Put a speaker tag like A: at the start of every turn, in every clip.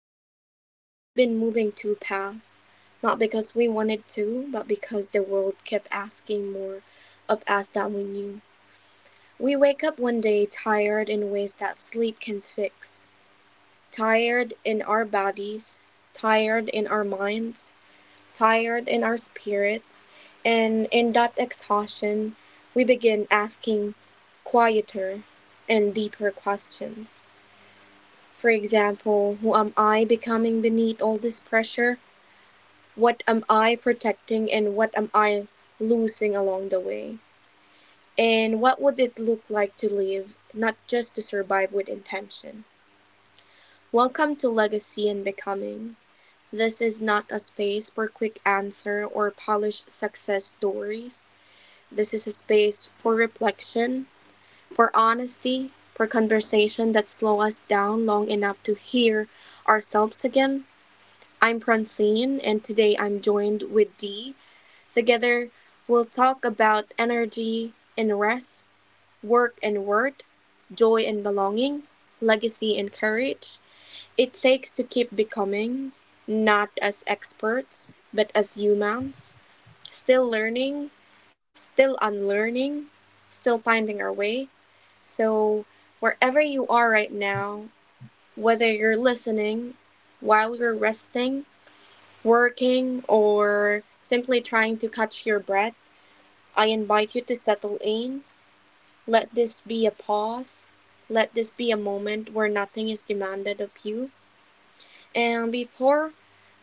A: realize we've been moving two paths, not because we wanted to, but because the world kept asking more of us than we knew. We wake up one day tired in ways that sleep can fix, tired in our bodies, tired in our minds, tired in our spirits, and in that exhaustion, we begin asking quieter and deeper questions. For example, who am I becoming beneath all this pressure? What am I protecting and what am I losing along the way? And what would it look like to live, not just to survive with intention? Welcome to Legacy and Becoming. This is not a space for quick answer or polished success stories. This is a space for reflection, for honesty, for conversation that slow us down long enough to hear ourselves again. I'm Francine, and today I'm joined with Dee. Together, we'll talk about energy and rest, work and worth, joy and belonging, legacy and courage. It takes to keep becoming, not as experts, but as humans, still learning, still unlearning, still finding our way. So, wherever you are right now, whether you're listening, while you're resting, working, or simply trying to catch your breath, I invite you to settle in. Let this be a pause. Let this be a moment where nothing is demanded of you. And before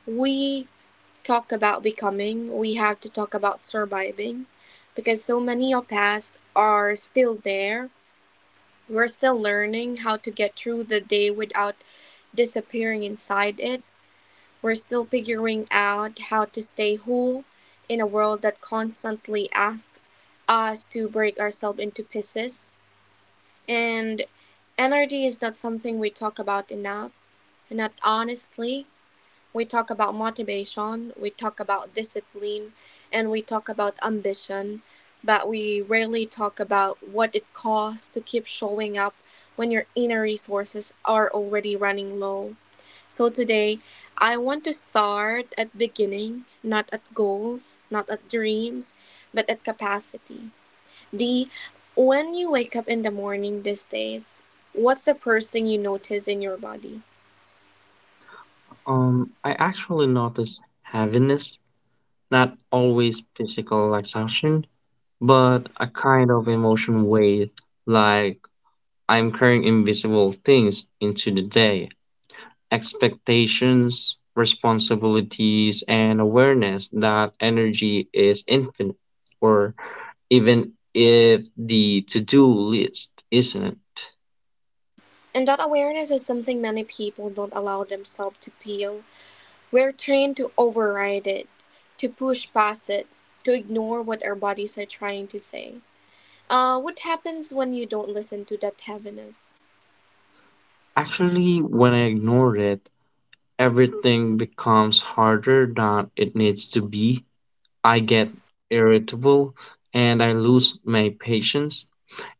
A: we talk about becoming, we have to talk about surviving because so many of us are still there. We're still learning how to get through the day without disappearing inside it. We're still figuring out how to stay whole in a world that constantly asks us to break ourselves into pieces. And NRD is not something we talk about enough, not honestly. We talk about motivation, we talk about discipline, and we talk about ambition, but we rarely talk about what it costs to keep showing up when your inner resources are already running low. So today, I want to start at beginning, not at goals, not at dreams, but at capacity. D, when you wake up in the morning these days, what's the first thing you notice in your body?
B: I actually notice heaviness, not always physical exhaustion, but a kind of emotion weight, like I'm carrying invisible things into the day, expectations, responsibilities, and awareness that energy is infinite, or even if the to-do list isn't.
A: And that awareness is something many people don't allow themselves to feel. We're trained to override it, to push past it, to ignore what our bodies are trying to say. What happens when you don't listen to that heaviness?
B: Actually, when I ignore it, everything becomes harder than it needs to be. I get irritable and I lose my patience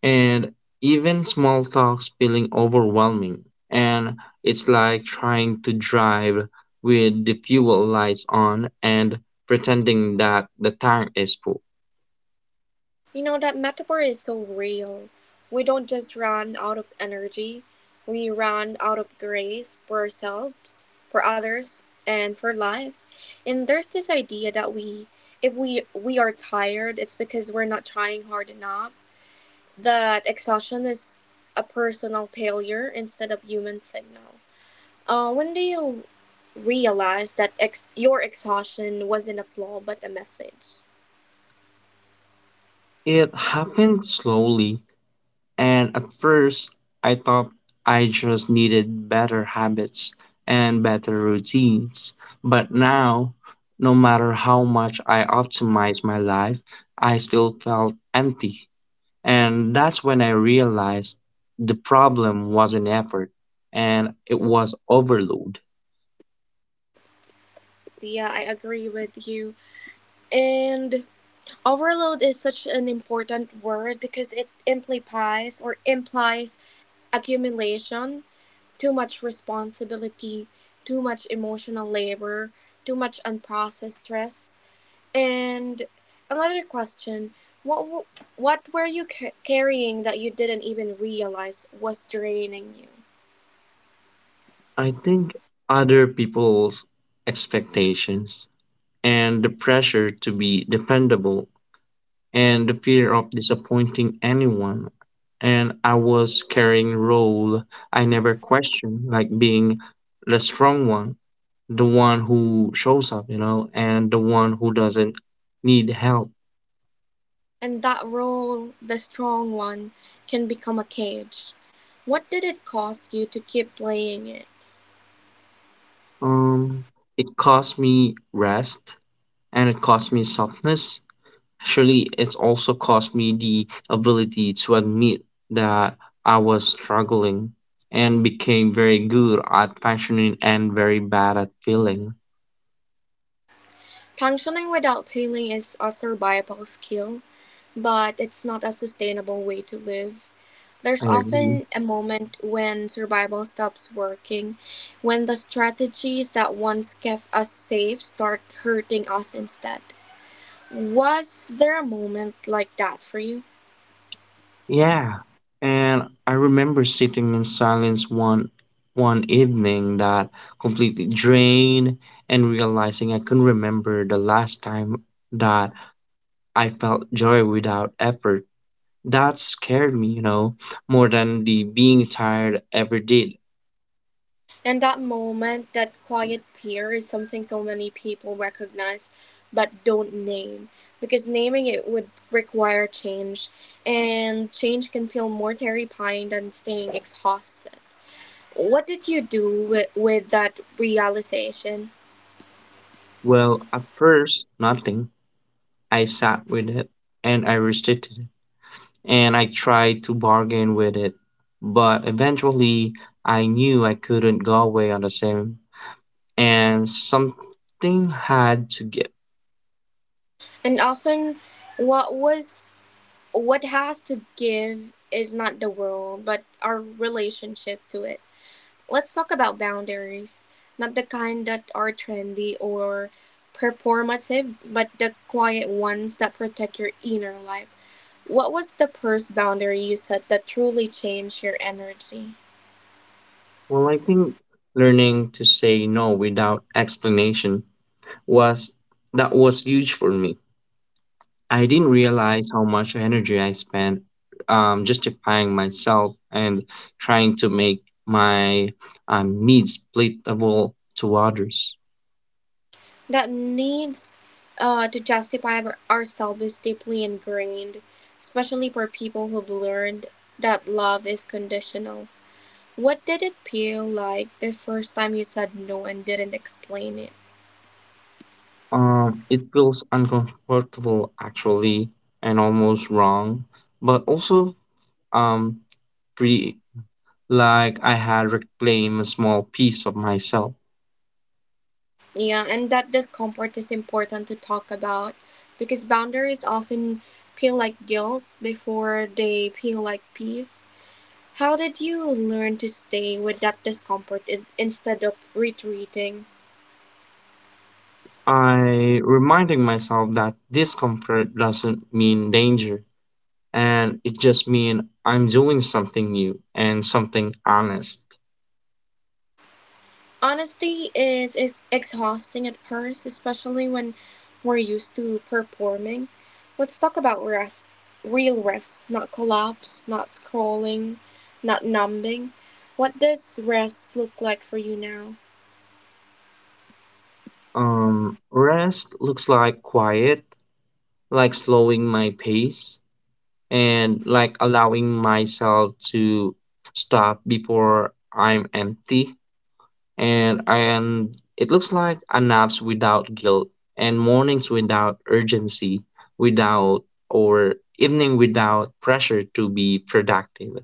B: and even small talks feeling overwhelming and it's like trying to drive with the fuel lights on and pretending that the tank is full.
A: You know, that metaphor is so real. We don't just run out of energy, we run out of grace for ourselves, for others, and for life. And there's this idea that we, if we are tired, it's because we're not trying hard enough, that exhaustion is a personal failure instead of human signal. When do you realize that your exhaustion wasn't a flaw but a message?
B: It happened slowly. And at first, I thought I just needed better habits and better routines. But now, no matter how much I optimized my life, I still felt empty. And that's when I realized the problem wasn't effort and it was overload.
A: Yeah, I agree with you. And overload is such an important word because it implies or implies accumulation, too much responsibility, too much emotional labor, too much unprocessed stress. And another question, what what were you carrying that you didn't even realize was draining you?
B: I think other people's expectations and the pressure to be dependable and the fear of disappointing anyone. And I was carrying role I never questioned, like being the strong one, the one who shows up, you know, and the one who doesn't need help.
A: And that role, the strong one, can become a cage. What did it cost you to keep playing it?
B: Um, it cost me rest and it cost me softness. Actually, it's also cost me the ability to admit that I was struggling and became very good at functioning and very bad at feeling.
A: Functioning without healing is a survival skill, but it's not a sustainable way to live.
B: I
A: There's
B: agree.
A: often a moment when survival stops working, when the strategies that once kept us safe start hurting us instead. Was there a moment like that for you?
B: Yeah. And I remember sitting in silence one evening that completely drained and realizing I couldn't remember the last time that I felt joy without effort. That scared me, you know, more than the being tired ever did.
A: And that moment, that quiet peer, is something so many people recognize but don't name. Because naming it would require change, and change can feel more terrifying than staying exhausted. What did you do with that realization?
B: Well, at first, nothing. I sat with it and I resisted and I tried to bargain with it. But eventually, I knew I couldn't go away on the same, and something had to give.
A: And often, what was what has to give is not the world, but our relationship to it. Let's talk about boundaries. Not the kind that are trendy or performative, but the quiet ones that protect your inner life. What was the first boundary you set that truly changed your energy?
B: Well, I think learning to say no without explanation was that was huge for me. I didn't realize how much energy I spent justifying myself and trying to make my needs palatable to others.
A: That needs to justify ourselves is deeply ingrained, especially for people who've learned that love is conditional. What did it feel like the first time you said no and didn't explain it?
B: It feels uncomfortable actually and almost wrong, but also um free like I had reclaimed a small piece of myself.
A: Yeah, and that discomfort is important to talk about because boundaries often feel like guilt before they feel like peace. How did you learn to stay with that discomfort instead of retreating?
B: I reminding myself that discomfort doesn't mean danger and it just mean I'm doing something new and something honest.
A: Honesty is exhausting at first, especially when we're used to performing. Let's talk about rest, real rest, not collapse, not scrolling, not numbing. What does rest look like for you now?
B: Rest looks like quiet, like slowing my pace and like allowing myself to stop before I'm empty and it looks like a naps without guilt and mornings without urgency without or evening without pressure to be productive.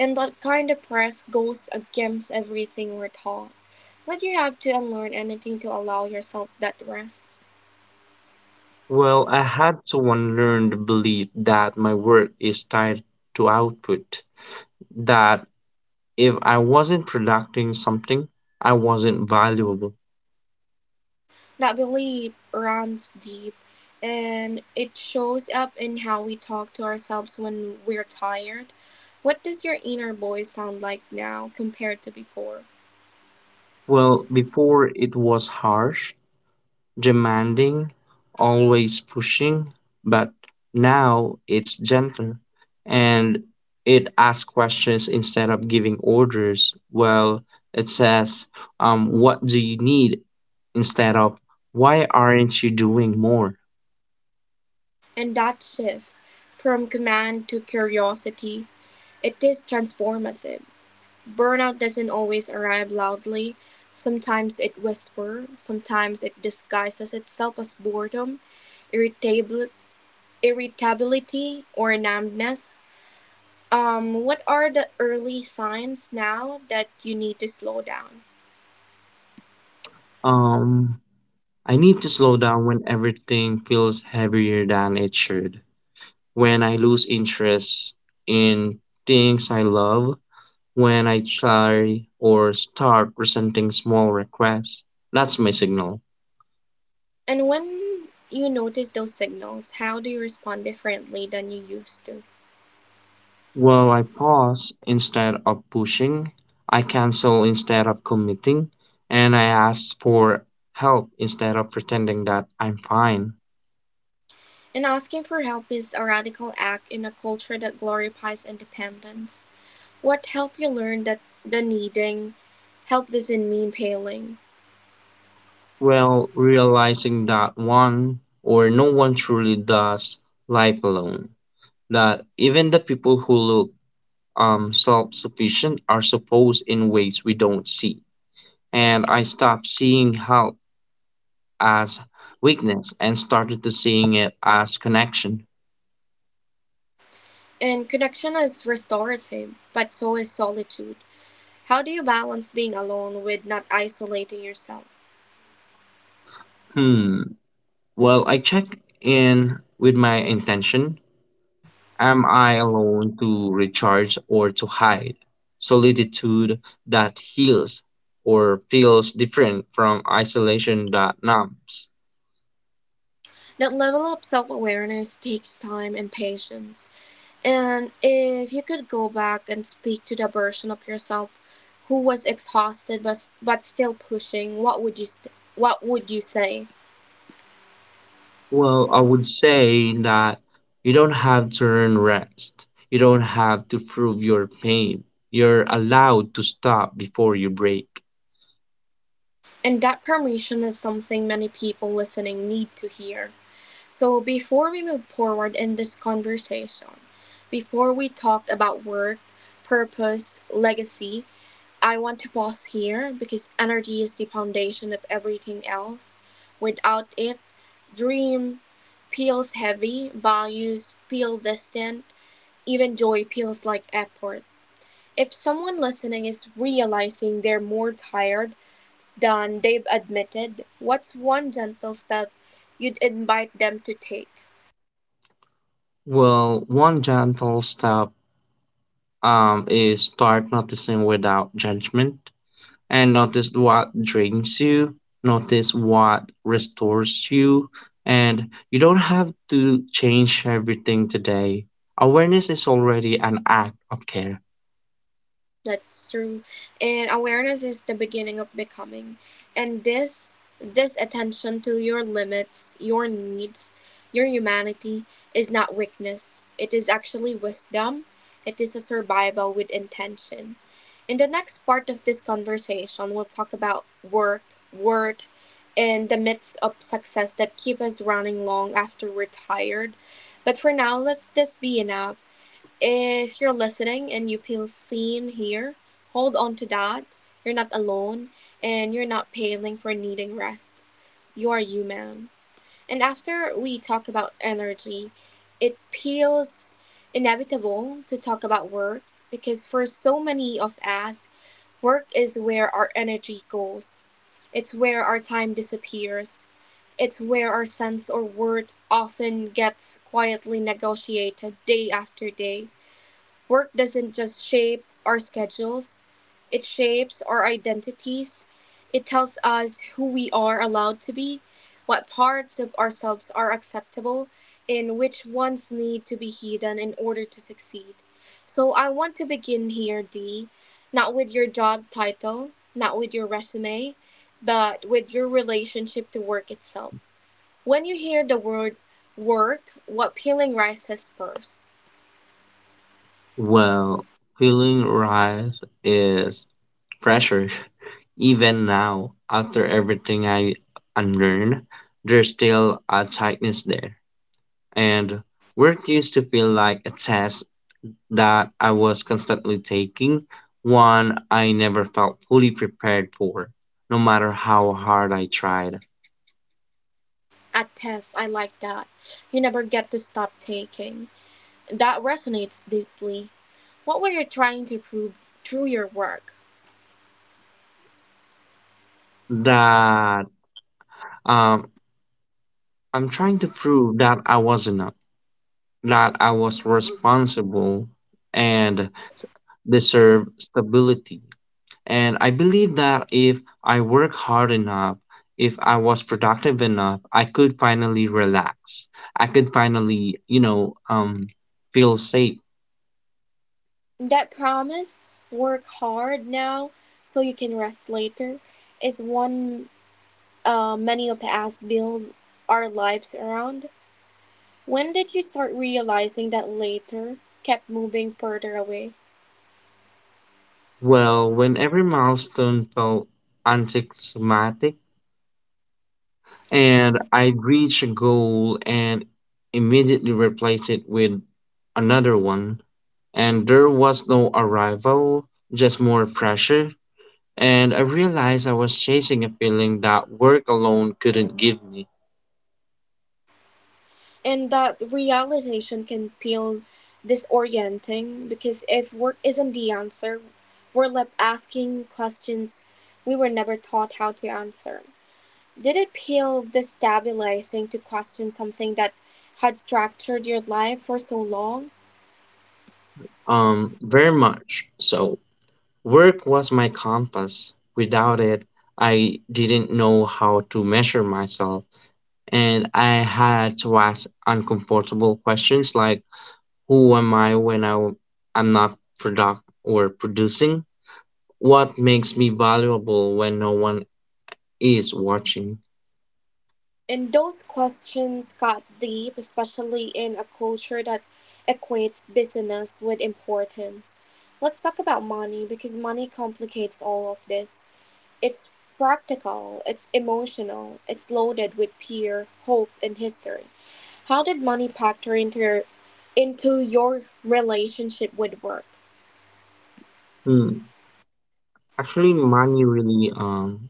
A: And that kind of press goes against everything we're taught. But you have to unlearn anything to allow yourself that rest.
B: Well, I had to unlearn the belief that my work is tied to output, that if I wasn't producing something, I wasn't valuable.
A: That belief runs deep and it shows up in how we talk to ourselves when we're tired. What does your inner voice sound like now compared to before?
B: Well, before it was harsh demanding, always pushing, but now it's gentler and it asks questions instead of giving orders. Well, it says, what do you need instead of why aren't you doing more?
A: And that shift from command to curiosity, it is transformative. Burnout doesn't always arrive loudly. Sometimes it whispers, sometimes it disguises itself as boredom, irritabli- irritability, or numbness. What are the early signs now that you need to slow down?
B: Um, I need to slow down when everything feels heavier than it should. When I lose interest in things I love, when I try or start presenting small requests, that's my signal.
A: And when you notice those signals, how do you respond differently than you used to?
B: Well, I pause instead of pushing, I cancel instead of committing, and I ask for help instead of pretending that I'm fine.
A: And asking for help is a radical act in a culture that glorifies independence. What help you learn that the needing help doesn't mean paling.
B: Well, realizing that one or no one truly does life alone, that even the people who look self sufficient are supposed in ways we don't see. And I stop seeing help as weakness and started to seeing it as connection.
A: And connection is restorative, but so is solitude. How do you balance being alone with not isolating yourself?
B: Hmm. Well, I check in with my intention. Am I alone to recharge or to hide? Solitude that heals or feels different from isolation that numbs.
A: That level of self awareness takes time and patience. And if you could go back and speak to the version of yourself who was exhausted but still pushing, what would you what would you say?
B: Well, I would say that you don't have to earn rest. You don't have to prove your pain. You're allowed to stop before you break.
A: And that permission is something many people listening need to hear. So, before we move forward in this conversation, before we talk about work, purpose, legacy, I want to pause here because energy is the foundation of everything else. Without it, dream feels heavy, values feel distant, even joy feels like effort. If someone listening is realizing they're more tired than they've admitted, what's one gentle step you'd invite them to take?
B: Well, one gentle step is start noticing without judgment and notice what drains you, notice what restores you, and you don't have to change everything today. Awareness is already an act of care.
A: That's true. And awareness is the beginning of becoming. And this attention to your limits, your needs, your humanity is not weakness. It is actually wisdom. It is a survival with intention. In the next part of this conversation, we'll talk about work, worth, and the myths of success that keep us running long after we're tired. But for now, let's just be enough. If you're listening and you feel seen here, hold on to that. You're not alone and you're not paling for needing rest. You are human. And after we talk about energy, it feels inevitable to talk about work because for so many of us, work is where our energy goes. It's where our time disappears. It's where our sense or worth often gets quietly negotiated day after day. Work doesn't just shape our schedules, it shapes our identities. It tells us who we are allowed to be, what parts of ourselves are acceptable, and which ones need to be hidden in order to succeed. So I want to begin here, Dee, not with your job title, not with your resume, but with your relationship to work itself. When you hear the word work, what feeling rises first?
B: Well, feeling right is pressure. Even now, after everything I unlearned, there's still a tightness there and work used to feel like a test that I was constantly taking, one I never felt fully prepared for, no matter how hard I tried.
A: At tests, I like that. You never get to stop taking. That resonates deeply. What were you trying to prove through your work?
B: That um, I'm trying to prove that I was enough, that I was responsible and deserve stability. And I believe that if I work hard enough, if I was productive enough, I could finally relax. I could finally, you know, feel safe.
A: That promise, work hard now so you can rest later, is one many of us build our lives around. When did you start realizing that later kept moving further away?
B: Well, when every milestone felt anticlimactic and I reached a goal and immediately replaced it with another one, and there was no arrival, just more pressure. And I realized I was chasing a feeling that work alone couldn't give me.
A: And that realization can feel disorienting because if work isn't the answer, we're left asking questions we were never taught how to answer. Did it feel destabilizing to question something that had structured your life for so long?
B: Very much so. Work was my compass. Without it, I didn't know how to measure myself, and I had to ask uncomfortable questions like, "Who am I when I'm not product or producing? What makes me valuable when no one is watching?"
A: And those questions got deep, especially in a culture that equates business with importance. Let's talk about money because money complicates all of this. It's practical, it's emotional, it's loaded with peer, hope, and history. How did money factor into into your relationship with work?
B: Hmm. Actually, money really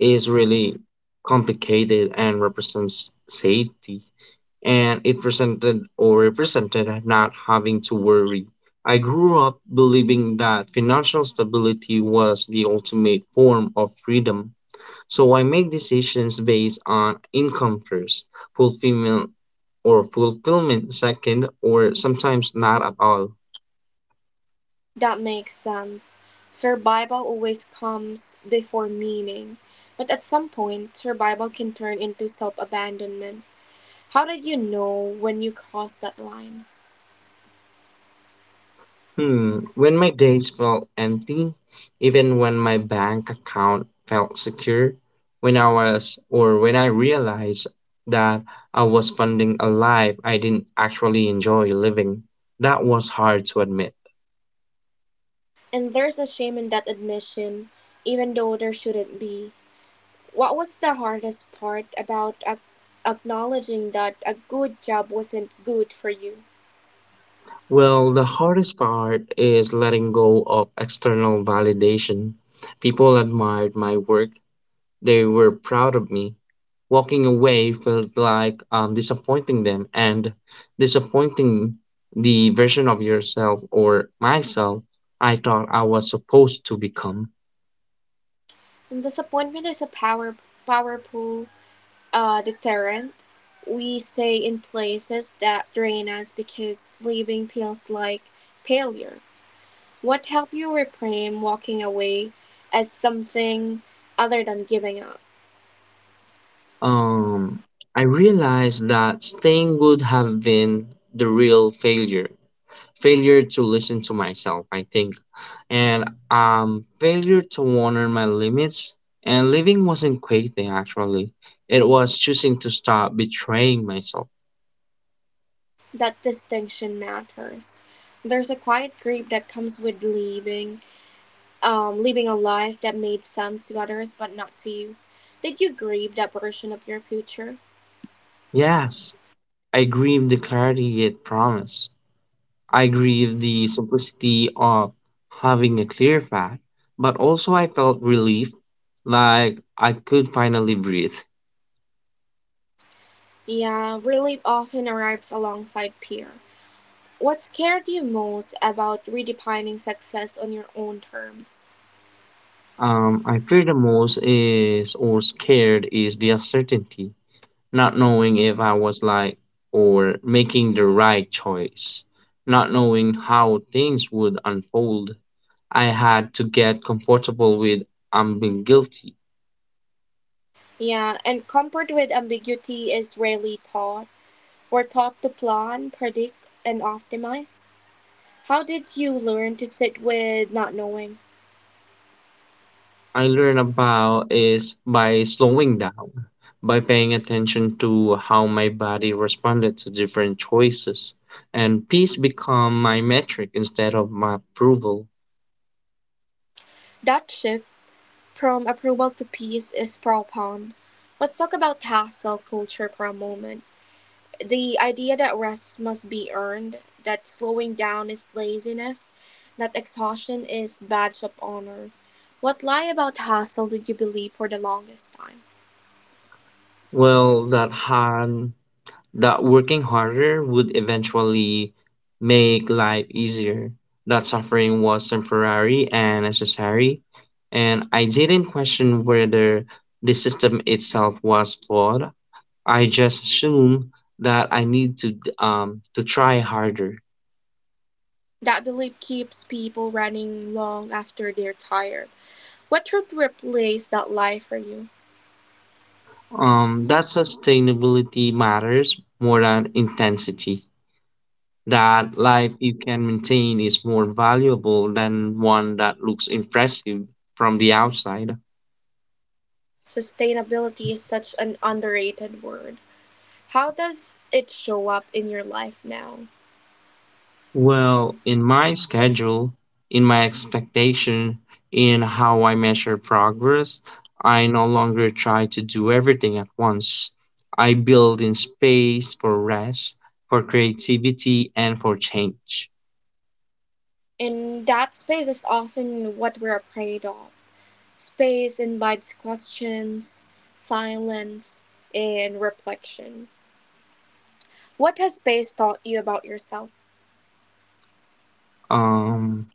B: is really complicated and represents safety and it presented or represented not having to worry. I grew up believing that financial stability was the ultimate form of freedom, so I made decisions based on income first, fulfillment or fulfillment second, or sometimes not at all.
A: That makes sense. Survival always comes before meaning, but at some point, survival can turn into self abandonment. How did you know when you crossed that line?
B: Hmm, when my days felt empty, even when my bank account felt secure, when I was or when I realized that I was funding a life I didn't actually enjoy living, that was hard to admit.
A: And there's a shame in that admission, even though there shouldn't be. What was the hardest part about acknowledging that a good job wasn't good for you?
B: Well, the hardest part is letting go of external validation. People admired my work, they were proud of me, walking away felt like disappointing them and disappointing the version of yourself or myself I thought I was supposed to become.
A: And disappointment is a powerful deterrent. We stay in places that drain us because leaving feels like failure. What helped you reframe walking away as something other than giving up?
B: Um, I realized that staying would have been the real failure failure to listen to myself, I think, and failure to honor my limits. And living wasn't quitting actually, it was choosing to stop betraying myself.
A: That distinction matters. There's a quiet grief that comes with leaving living a life that made sense to others but not to you. Did you grieve that version of your future?
B: Yes, I grieve the clarity it promised. I grieve the simplicity of having a clear path, but also I felt relief, like I could finally breathe.
A: Yeah, relief often arrives alongside fear. What scared you most about redefining success on your own terms?
B: I fear the most is or scared is the uncertainty, not knowing if I was like or making the right choice, not knowing how things would unfold. I had to get comfortable with ambiguity.
A: Yeah, and comfort with ambiguity is rarely taught. We're taught to plan, predict, and optimize. How did you learn to sit with not knowing?
B: I learn about is by slowing down, by paying attention to how my body responded to different choices, and peace become my metric instead of my approval.
A: That shift from approval to peace is profound. Let's talk about hustle culture for a moment. The idea that rest must be earned, that slowing down is laziness, that exhaustion is badge of honor. What lie about hustle did you believe for the longest time?
B: Well, that hard, that working harder would eventually make life easier. That suffering was temporary and necessary, and I didn't question whether the system itself was flawed. I just assume that I need to try harder.
A: That belief keeps people running long after they're tired. What truth replaced that lie for you?
B: That sustainability matters more than intensity. That life you can maintain is more valuable than one that looks impressive from the outside.
A: Sustainability is such an underrated word. How does it show up in your life now?
B: Well, in my schedule, in my expectation, in how I measure progress, I no longer try to do everything at once. I build in space for rest, for creativity, and for change.
A: And that space is often what we're afraid of. Space invites questions, silence, and reflection. What has space taught you about yourself?
B: Um,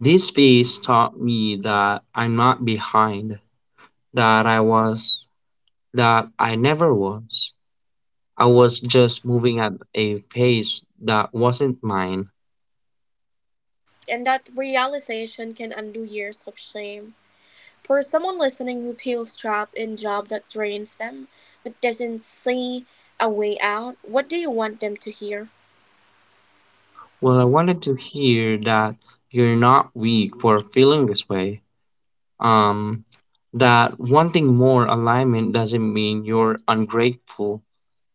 B: this space taught me that I'm not behind, that I was, that I never was. I was just moving at a pace that wasn't mine.
A: And that realization can undo years of shame. For someone listening who feels trapped in a job that drains them but doesn't see a way out, what do you want them to hear?
B: Well, I wanted to hear that you're not weak for feeling this way. Um, that wanting more alignment doesn't mean you're ungrateful,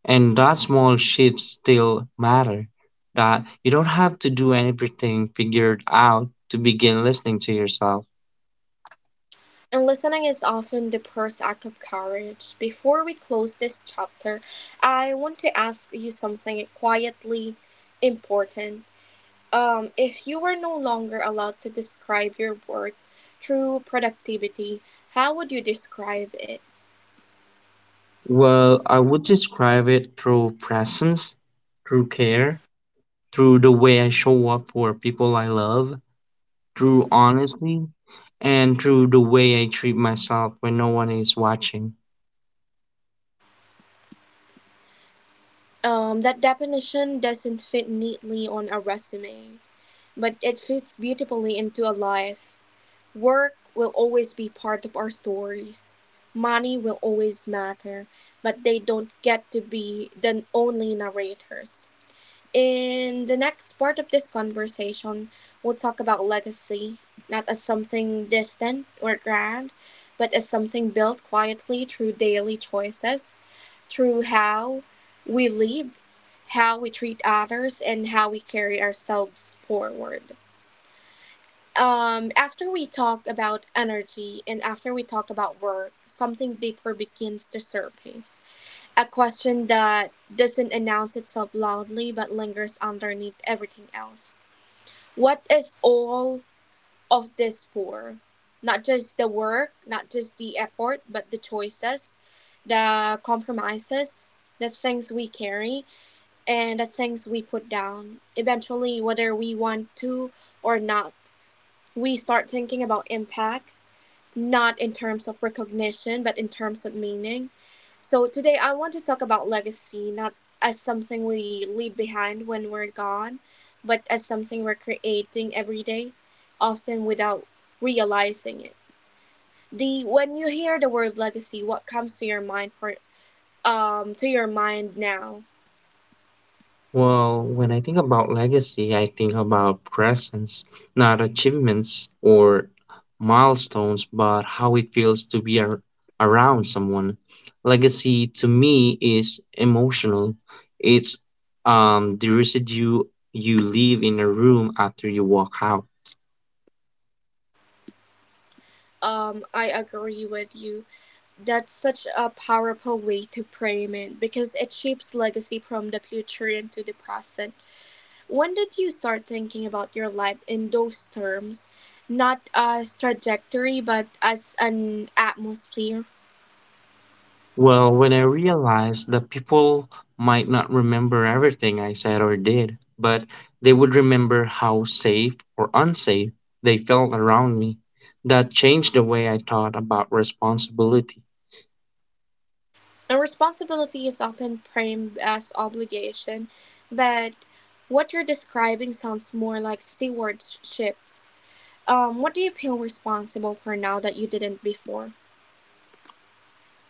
B: and that small shifts still matter. That you don't have to do everything figured out to begin listening to yourself.
A: And listening is often the first act of courage. Before we close this chapter, I want to ask you something quietly important. If you were no longer allowed to describe your work through productivity, how would you describe it?
B: Well, I would describe it through presence, through care, through the way I show up for people I love, through honesty and through the way I treat myself when no one is watching.
A: That definition doesn't fit neatly on a resume, but it fits beautifully into a life. Work will always be part of our stories. Money will always matter, but they don't get to be the only narrators. In the next part of this conversation, we'll talk about legacy, not as something distant or grand, but as something built quietly through daily choices, through how we live, how we treat others, and how we carry ourselves forward. After we talk about energy and after we talk about work, something deeper begins to surface. A question that doesn't announce itself loudly but lingers underneath everything else. What is all of this for? Not just the work, not just the effort, but the choices, the compromises, the things we carry, and the things we put down. Eventually, whether we want to or not, we start thinking about impact, not in terms of recognition but in terms of meaning. So today I want to talk about legacy, not as something we leave behind when we're gone, but as something we're creating every day, often without realizing it. The when you hear the word legacy, what comes to your mind for to your mind now?
B: Well, when I think about legacy, I think about presence, not achievements or milestones, but how it feels to around someone. Legacy to me is emotional. It's the residue you leave in a room after you walk out.
A: I agree with you. That's such a powerful way to frame it because it shapes legacy from the future into the present. When did you start thinking about your life in those terms? Not as trajectory, but as an atmosphere.
B: Well, when I realized that people might not remember everything I said or did, but they would remember how safe or unsafe they felt around me, that changed the way I thought about responsibility,
A: Now, responsibility is often framed as obligation, but what you're describing sounds more like stewardships. What do you feel responsible for now that you didn't before?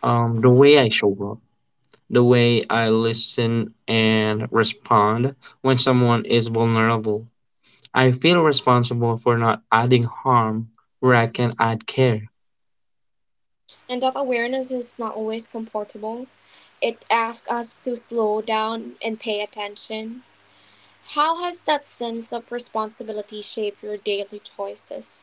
B: the way I show up, the way I listen and respond when someone is vulnerable. I feel responsible for not adding harm where I can add care.
A: And that awareness is not always comfortable. It asks us to slow down and pay attention. How has that sense of responsibility shaped your daily choices?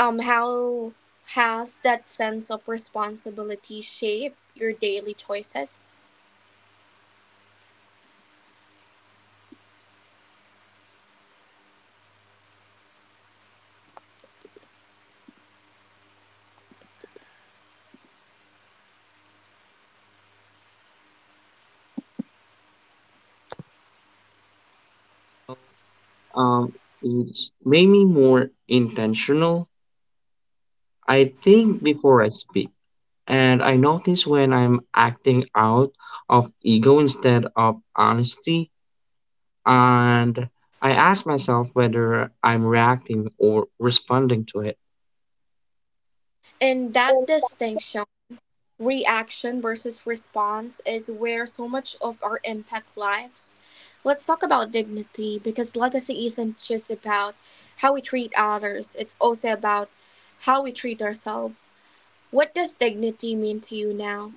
A: Um, how has that sense of responsibility shaped your daily choices?
B: It's made me more intentional. I think before I speak, and I notice when I'm acting out of ego instead of honesty. And I ask myself whether I'm reacting or responding to it.
A: And that distinction, reaction versus response, is where so much of our impact lies. Let's talk about dignity, because legacy isn't just about how we treat others, it's also about how we treat ourselves. What does dignity mean to you now?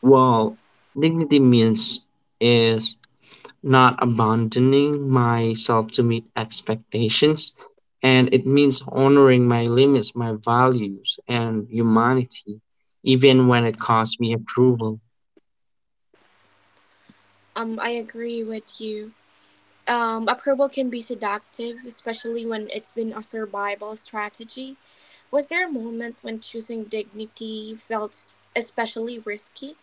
B: Well, dignity means is not abandoning myself to meet expectations. And it means honoring my limits, my values, and humanity, even when it costs me approval.
A: I agree with you. Approval can be seductive, especially when it's been a survival strategy. Was there a moment when choosing dignity felt especially risky?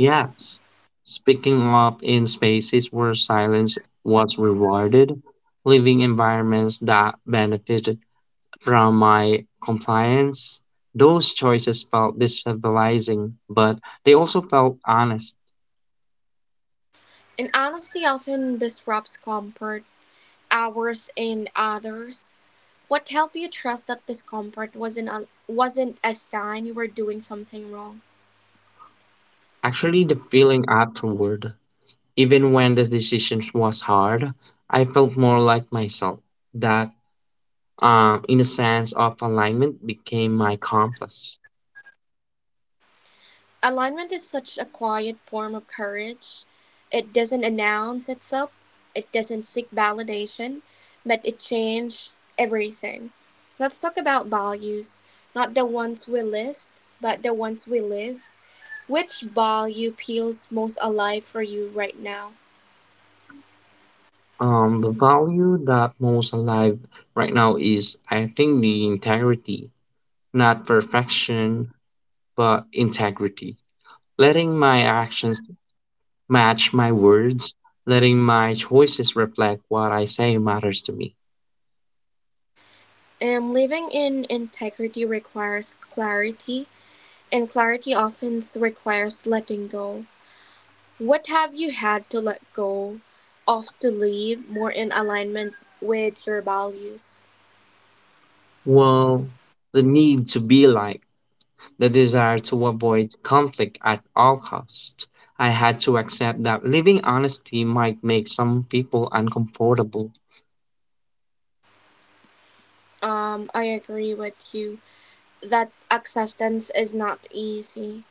B: Yes, speaking up in spaces where silence was rewarded, living environments that benefited from my compliance. Those choices felt destabilizing, but they also felt honest.
A: And honesty often disrupts comfort, ours and others. What helped you trust that discomfort wasn't a sign you were doing something wrong?
B: Actually, the feeling afterward even when the decision was hard, I felt more like myself. That, in a sense of alignment, became my compass.
A: Alignment is such a quiet form of courage. It doesn't announce itself, it doesn't seek validation, but it changes everything. Let's talk about values, not the ones we list, but the ones we live. Which value feels most alive for you right now?
B: The value that most alive right now is, I think, the integrity, not perfection, but integrity. Letting my actions match my words, letting my choices reflect what I say matters to me.
A: And living in integrity requires clarity, and clarity often requires letting go. What have you had to let go of to live more in alignment with your values?
B: Well, the need to be like. The desire to avoid conflict at all costs. I had to accept that living honesty might make some people uncomfortable.
A: I agree with you that acceptance is not easy.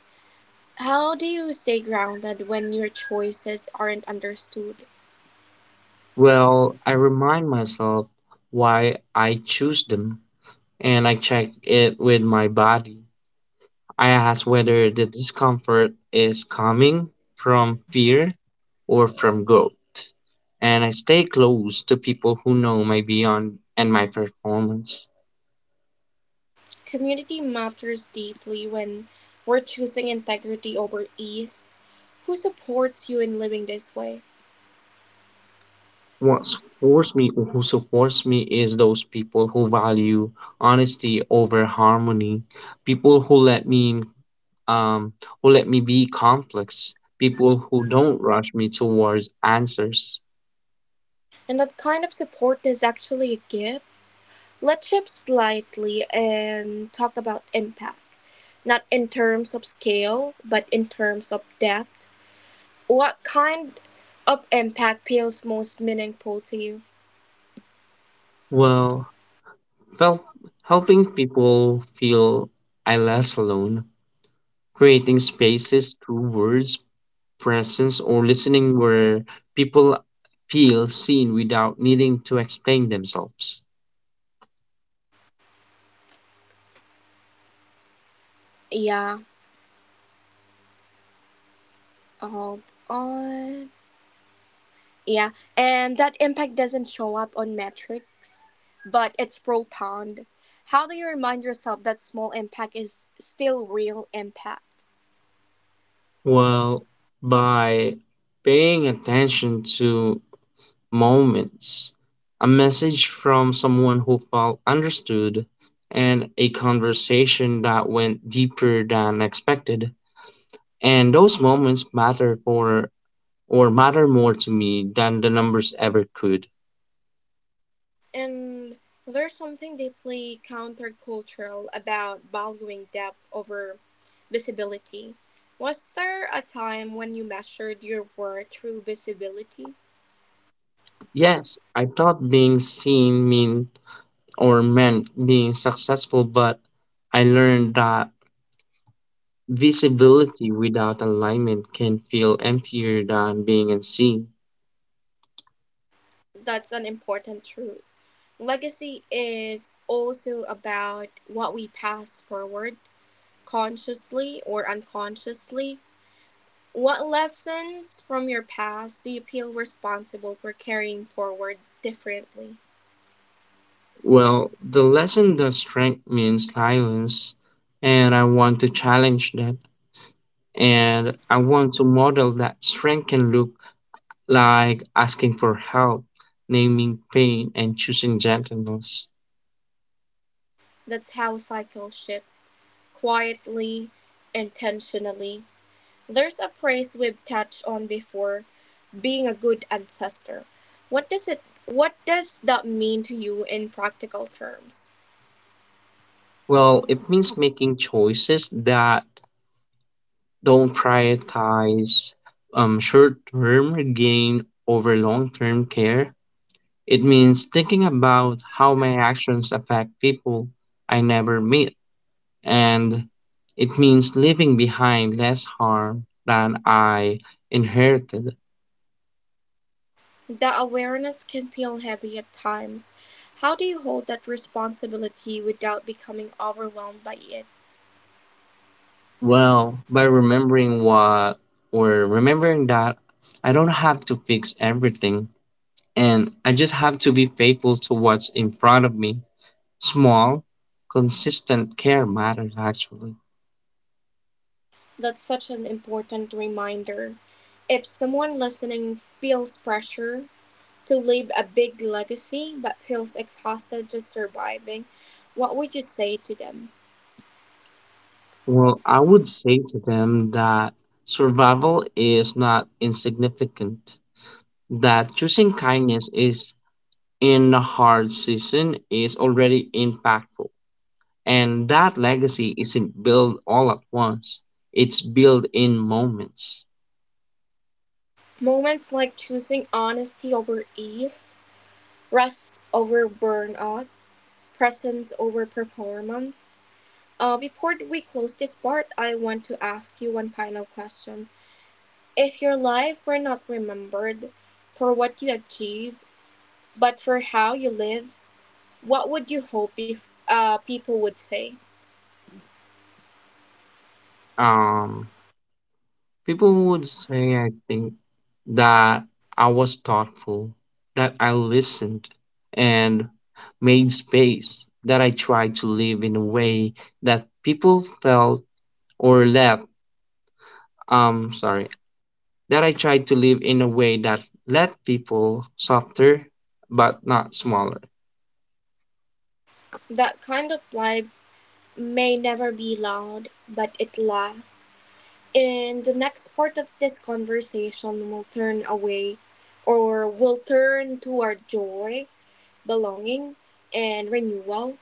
A: How do you stay grounded when your choices aren't understood?
B: Well, I remind myself why I choose them and I check it with my body. I ask whether the discomfort is coming from fear or from growth. And I stay close to people who know my beyond and my performance.
A: Community matters deeply when we're choosing integrity over ease. Who supports you in living this way?
B: What supports me, who supports me, is those people who value honesty over harmony, people who let me, um, who let me be complex, people who don't rush me towards answers.
A: And that kind of support is actually a gift. Let's shift slightly and talk about impact, not in terms of scale, but in terms of depth. What kind of impact feels most meaningful to you?
B: Well, fel- helping people feel I less alone, creating spaces through words, presence, or listening where people feel seen without needing to explain themselves.
A: Yeah, hold on. Yeah, and that impact doesn't show up on metrics, but it's profound. How do you remind yourself that small impact is still real impact?
B: Well, by paying attention to moments, a message from someone who felt understood, and a conversation that went deeper than expected. And those moments matter for or matter more to me than the numbers ever could.
A: And there's something deeply countercultural about valuing depth over visibility. Was there a time when you measured your worth through visibility?
B: Yes, I thought being seen mean or meant being successful, but I learned that visibility without alignment can feel emptier than being unseen.
A: That's an important truth. Legacy is also about what we pass forward, consciously or unconsciously. What lessons from your past do you feel responsible for carrying forward differently?
B: Well, the lesson that strength means silence, and I want to challenge that. And I want to model that strength can look like asking for help, naming pain, and choosing gentleness.
A: That's how cycles shift. Quietly, intentionally. There's a phrase we've touched on before, being a good ancestor. What does that mean to you in practical terms?
B: Well, it means making choices that don't prioritize short term gain over long term care. It means thinking about how my actions affect people I never meet, and it means leaving behind less harm than I inherited.
A: That awareness can feel heavy at times. How do you hold that responsibility without becoming overwhelmed by it?
B: Well, by remembering what or remembering that I don't have to fix everything, and I just have to be faithful to what's in front of me. Small, consistent care matters actually.
A: That's such an important reminder. If someone listening feels pressure to leave a big legacy but feels exhausted just surviving, what would you say to them?
B: Well, I would say to them that survival is not insignificant, that choosing kindness is in a hard season is already impactful, and that legacy isn't built all at once, it's built in moments.
A: Moments like choosing honesty over ease, rest over burnout, presence over performance. Before we close this part, I want to ask you one final question. If your life were not remembered for what you achieved, but for how you live, what would you hope if people would say?
B: Um, People would say, I think, that I was thoughtful, that I listened and made space, that I tried to live in a way that people felt or let, sorry, that I tried to live in a way that let people softer but not smaller.
A: That kind of life may never be loud, but it lasts. And the next part of this conversation will turn toward joy, belonging, and renewal,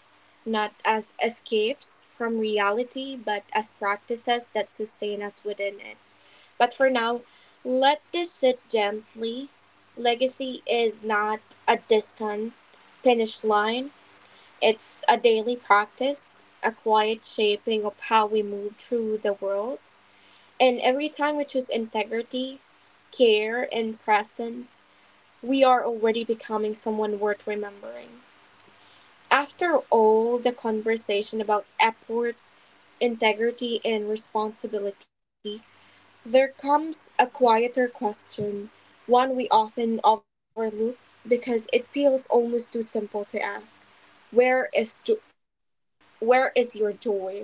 A: not as escapes from reality, but as practices that sustain us within it. But for now, let this sit gently. Legacy is not a distant finish line. It's a daily practice, a quiet shaping of how we move through the world. And every time we choose integrity, care, and presence, we are already becoming someone worth remembering. After all the conversation about effort, integrity, and responsibility, there comes a quieter question, one we often overlook because it feels almost too simple to ask. Where is jo- where is your joy?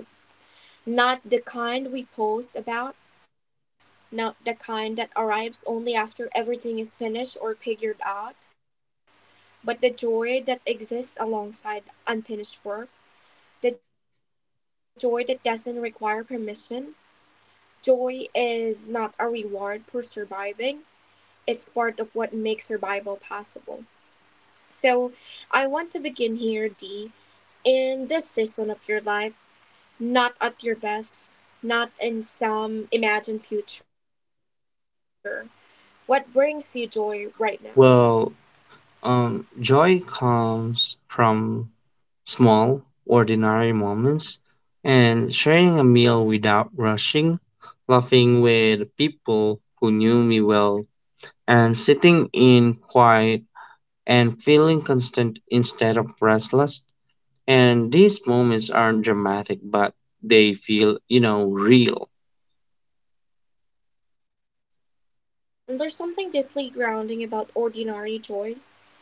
A: Not the kind we post about, not the kind that arrives only after everything is finished or figured out, but the joy that exists alongside unfinished work, the joy that doesn't require permission. Joy is not a reward for surviving, it's part of what makes survival possible. So, I want to begin here, D, in this season of your life, not at your best, not in some imagined future, what brings you joy right now?
B: Well, joy comes from small, ordinary moments, and sharing a meal without rushing, laughing with people who knew me well, and sitting in quiet and feeling constant instead of restless. And these moments aren't dramatic, but they feel, you know, real.
A: And there's something deeply grounding about ordinary joy.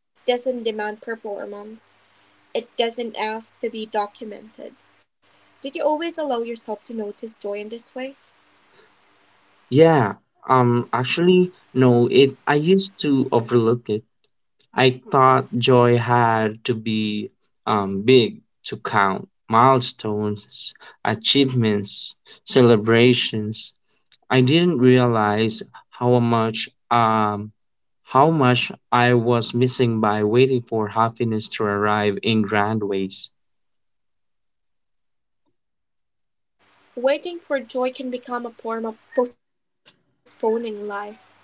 A: It doesn't demand performance, it doesn't ask to be documented. Did you always allow yourself to notice joy in this way?
B: Yeah, actually, no, it, I used to overlook it. I thought joy had to be big to count milestones, achievements, celebrations. I didn't realize how much um, how much I was missing by waiting for happiness to arrive in grand ways.
A: Waiting for joy can become a form of postponing life.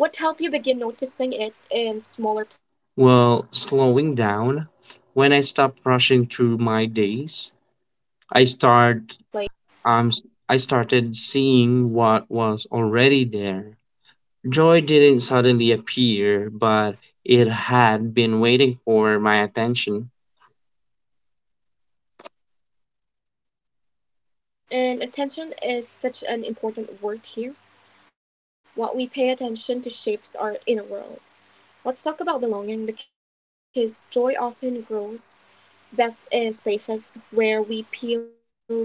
A: What helped you begin noticing it in smaller
B: Well,
A: places?
B: slowing down, when I stopped rushing through my days, I start um, I started seeing what was already there. Joy didn't suddenly appear, but it had been waiting for my attention.
A: And attention is such an important word here. What we pay attention to shapes our inner world. Let's talk about belonging, because joy often grows best in spaces where we feel safe.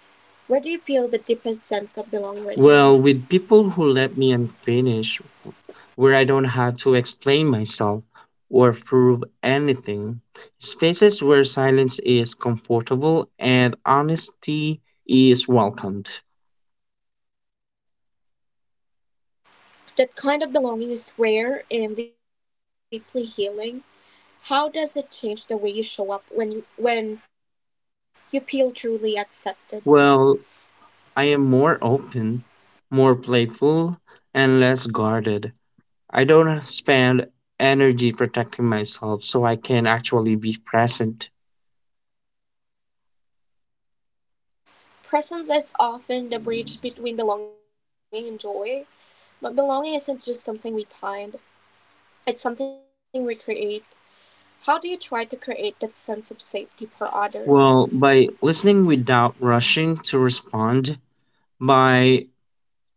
A: Where do you feel the deepest sense of belonging right now?
B: Well, with people who let me unfinished, where I don't have to explain myself or prove anything, spaces where silence is comfortable and honesty is welcomed.
A: That kind of belonging is rare and deeply healing. How does it change the way you show up when you feel truly accepted?
B: Well, I am more open, more playful, and less guarded. I don't spend energy protecting myself so I can actually be present.
A: Presence is often the bridge between belonging and joy, but belonging isn't just something we find. It's something we create. How do you try to create that sense of safety for others?
B: Well, by listening without rushing to respond, by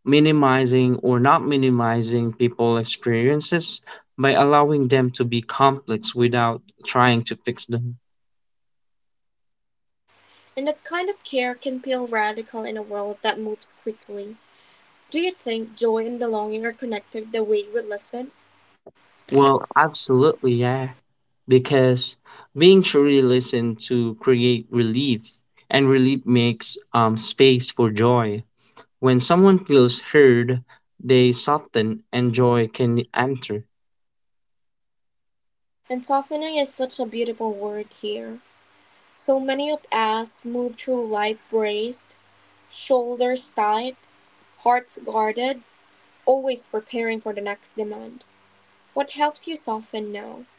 B: minimizing or not minimizing people's experiences, by allowing them to be complex without trying to fix them.
A: And that kind of care can feel radical in a world that moves quickly. Do you think joy and belonging are connected the way we listen?
B: Well, absolutely, yeah. Because being truly listened to create relief, and relief makes space for joy. When someone feels heard, they soften and joy can enter.
A: And softening is such a beautiful word here. So many of us move through life braced, shoulders tight, hearts guarded, always preparing for the next demand. What helps you soften now?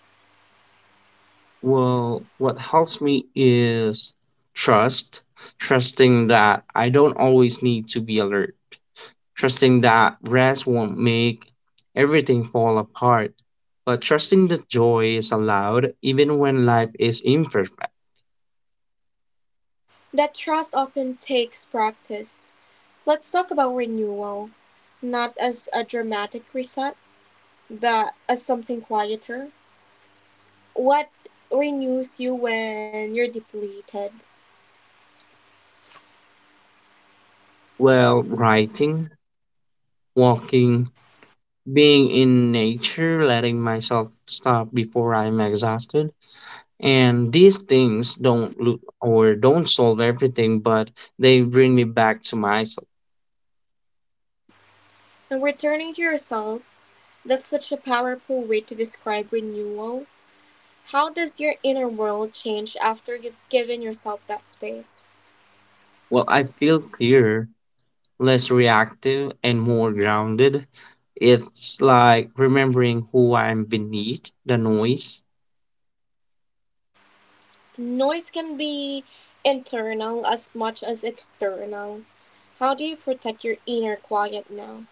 B: Well, what helps me is trust, trusting that I don't always need to be alert, trusting that rest won't make everything fall apart, but trusting that joy is allowed even when life is imperfect.
A: That trust often takes practice. Let's talk about renewal, not as a dramatic reset, but as something quieter. What renews you when you're depleted?
B: Well, writing, walking, being in nature, letting myself stop before I'm exhausted. And these things don't look or don't solve everything, but they bring me back to myself.
A: And returning to yourself, that's such a powerful way to describe renewal. How does your inner world change after you've given yourself that space?
B: Well, I feel clearer, less reactive, and more grounded. It's like remembering who I am beneath the noise.
A: Noise can be internal as much as external. How do you protect your inner quiet now?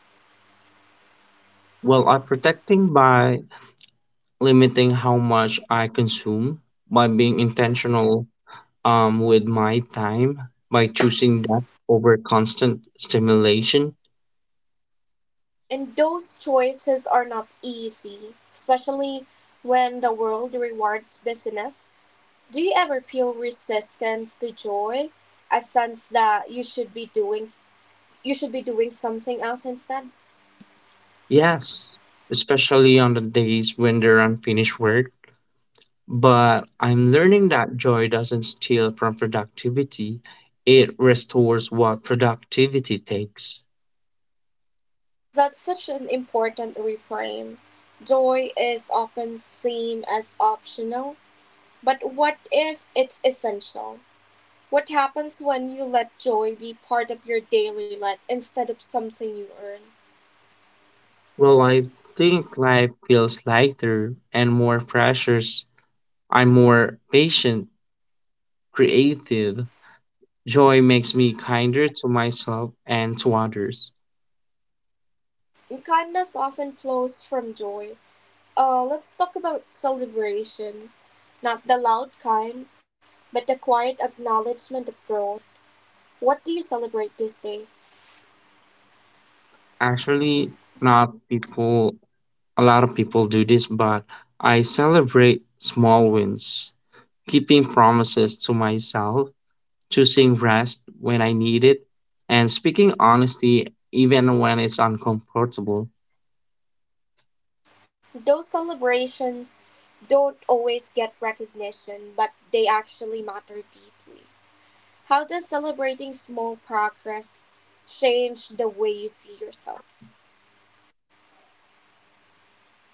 B: Well, I'm protecting by limiting how much I consume, by being intentional with my time, by choosing depth over constant stimulation.
A: And those choices are not easy, especially when the world rewards business. Do you ever feel resistance to joy? A sense that you should be doing something else instead?
B: Yes, especially on the days when there are unfinished work. But I'm learning that joy doesn't steal from productivity, it restores what productivity takes.
A: That's such an important reframe. Joy is often seen as optional, but what if it's essential? What happens when you let joy be part of your daily life instead of something you earn?
B: Well, I think life feels lighter and more pressures. I'm more patient, creative. Joy makes me kinder to myself and to others.
A: Kindness often flows from joy. Let's talk about celebration. Not the loud kind, but the quiet acknowledgement of growth. What do you celebrate these days?
B: Actually, not people a lot of people do this, but I celebrate small wins, keeping promises to myself, choosing rest when I need it, and speaking honesty even when it's uncomfortable.
A: Those celebrations don't always get recognition, but they actually matter deeply. How does celebrating small progress change the way you see yourself?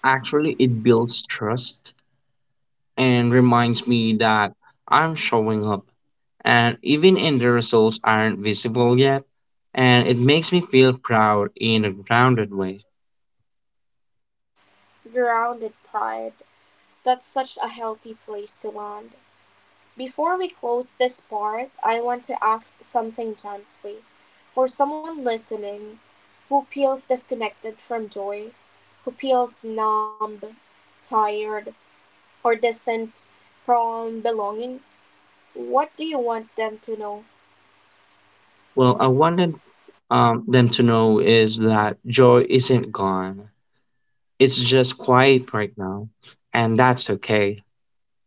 B: Actually, it builds trust and reminds me that I'm showing up. And even if the results aren't visible yet, and it makes me feel proud in a grounded way.
A: Grounded pride. That's such a healthy place to land. Before we close this part, I want to ask something gently. For someone listening who feels disconnected from joy, who feels numb, tired, or distant from belonging, what do you want them to know?
B: Well, I wanted them to know is that joy isn't gone. It's just quiet right now, and that's okay.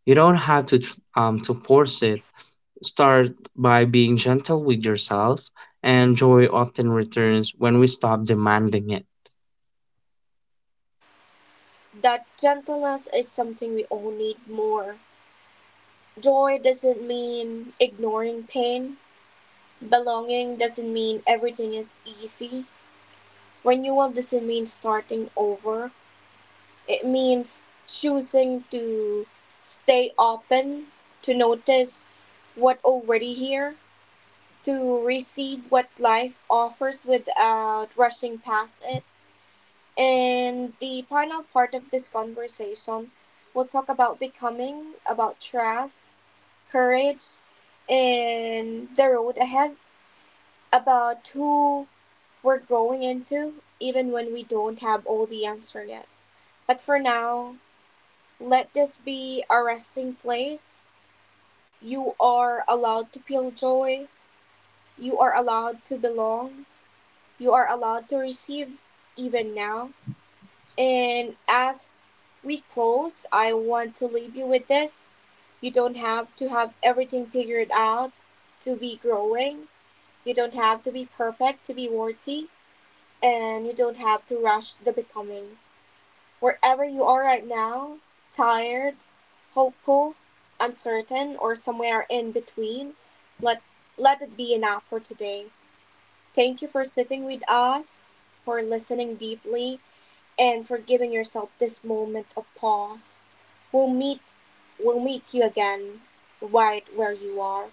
B: You don't have to to force it. Start by being gentle with yourself, and joy often returns when we stop demanding it.
A: That gentleness is something we all need more. Joy doesn't mean ignoring pain. Belonging doesn't mean everything is easy. Renewal doesn't mean starting over. It means choosing to stay open, to notice what already here, to receive what life offers without rushing past it. And the final part of this conversation, we'll talk about becoming, about trust, courage, and the road ahead, about who we're growing into, even when we don't have all the answer yet. But for now, let this be a resting place. You are allowed to feel joy. You are allowed to belong. You are allowed to receive even now. And as we close, I want to leave you with this. You don't have to have everything figured out to be growing. You don't have to be perfect to be worthy. And you don't have to rush the becoming. Wherever you are right now, tired, hopeful, uncertain, or somewhere in between, let, let it be enough for today. Thank you for sitting with us, for listening deeply, and for giving yourself this moment of pause. We'll meet, we'll meet you again right where you are.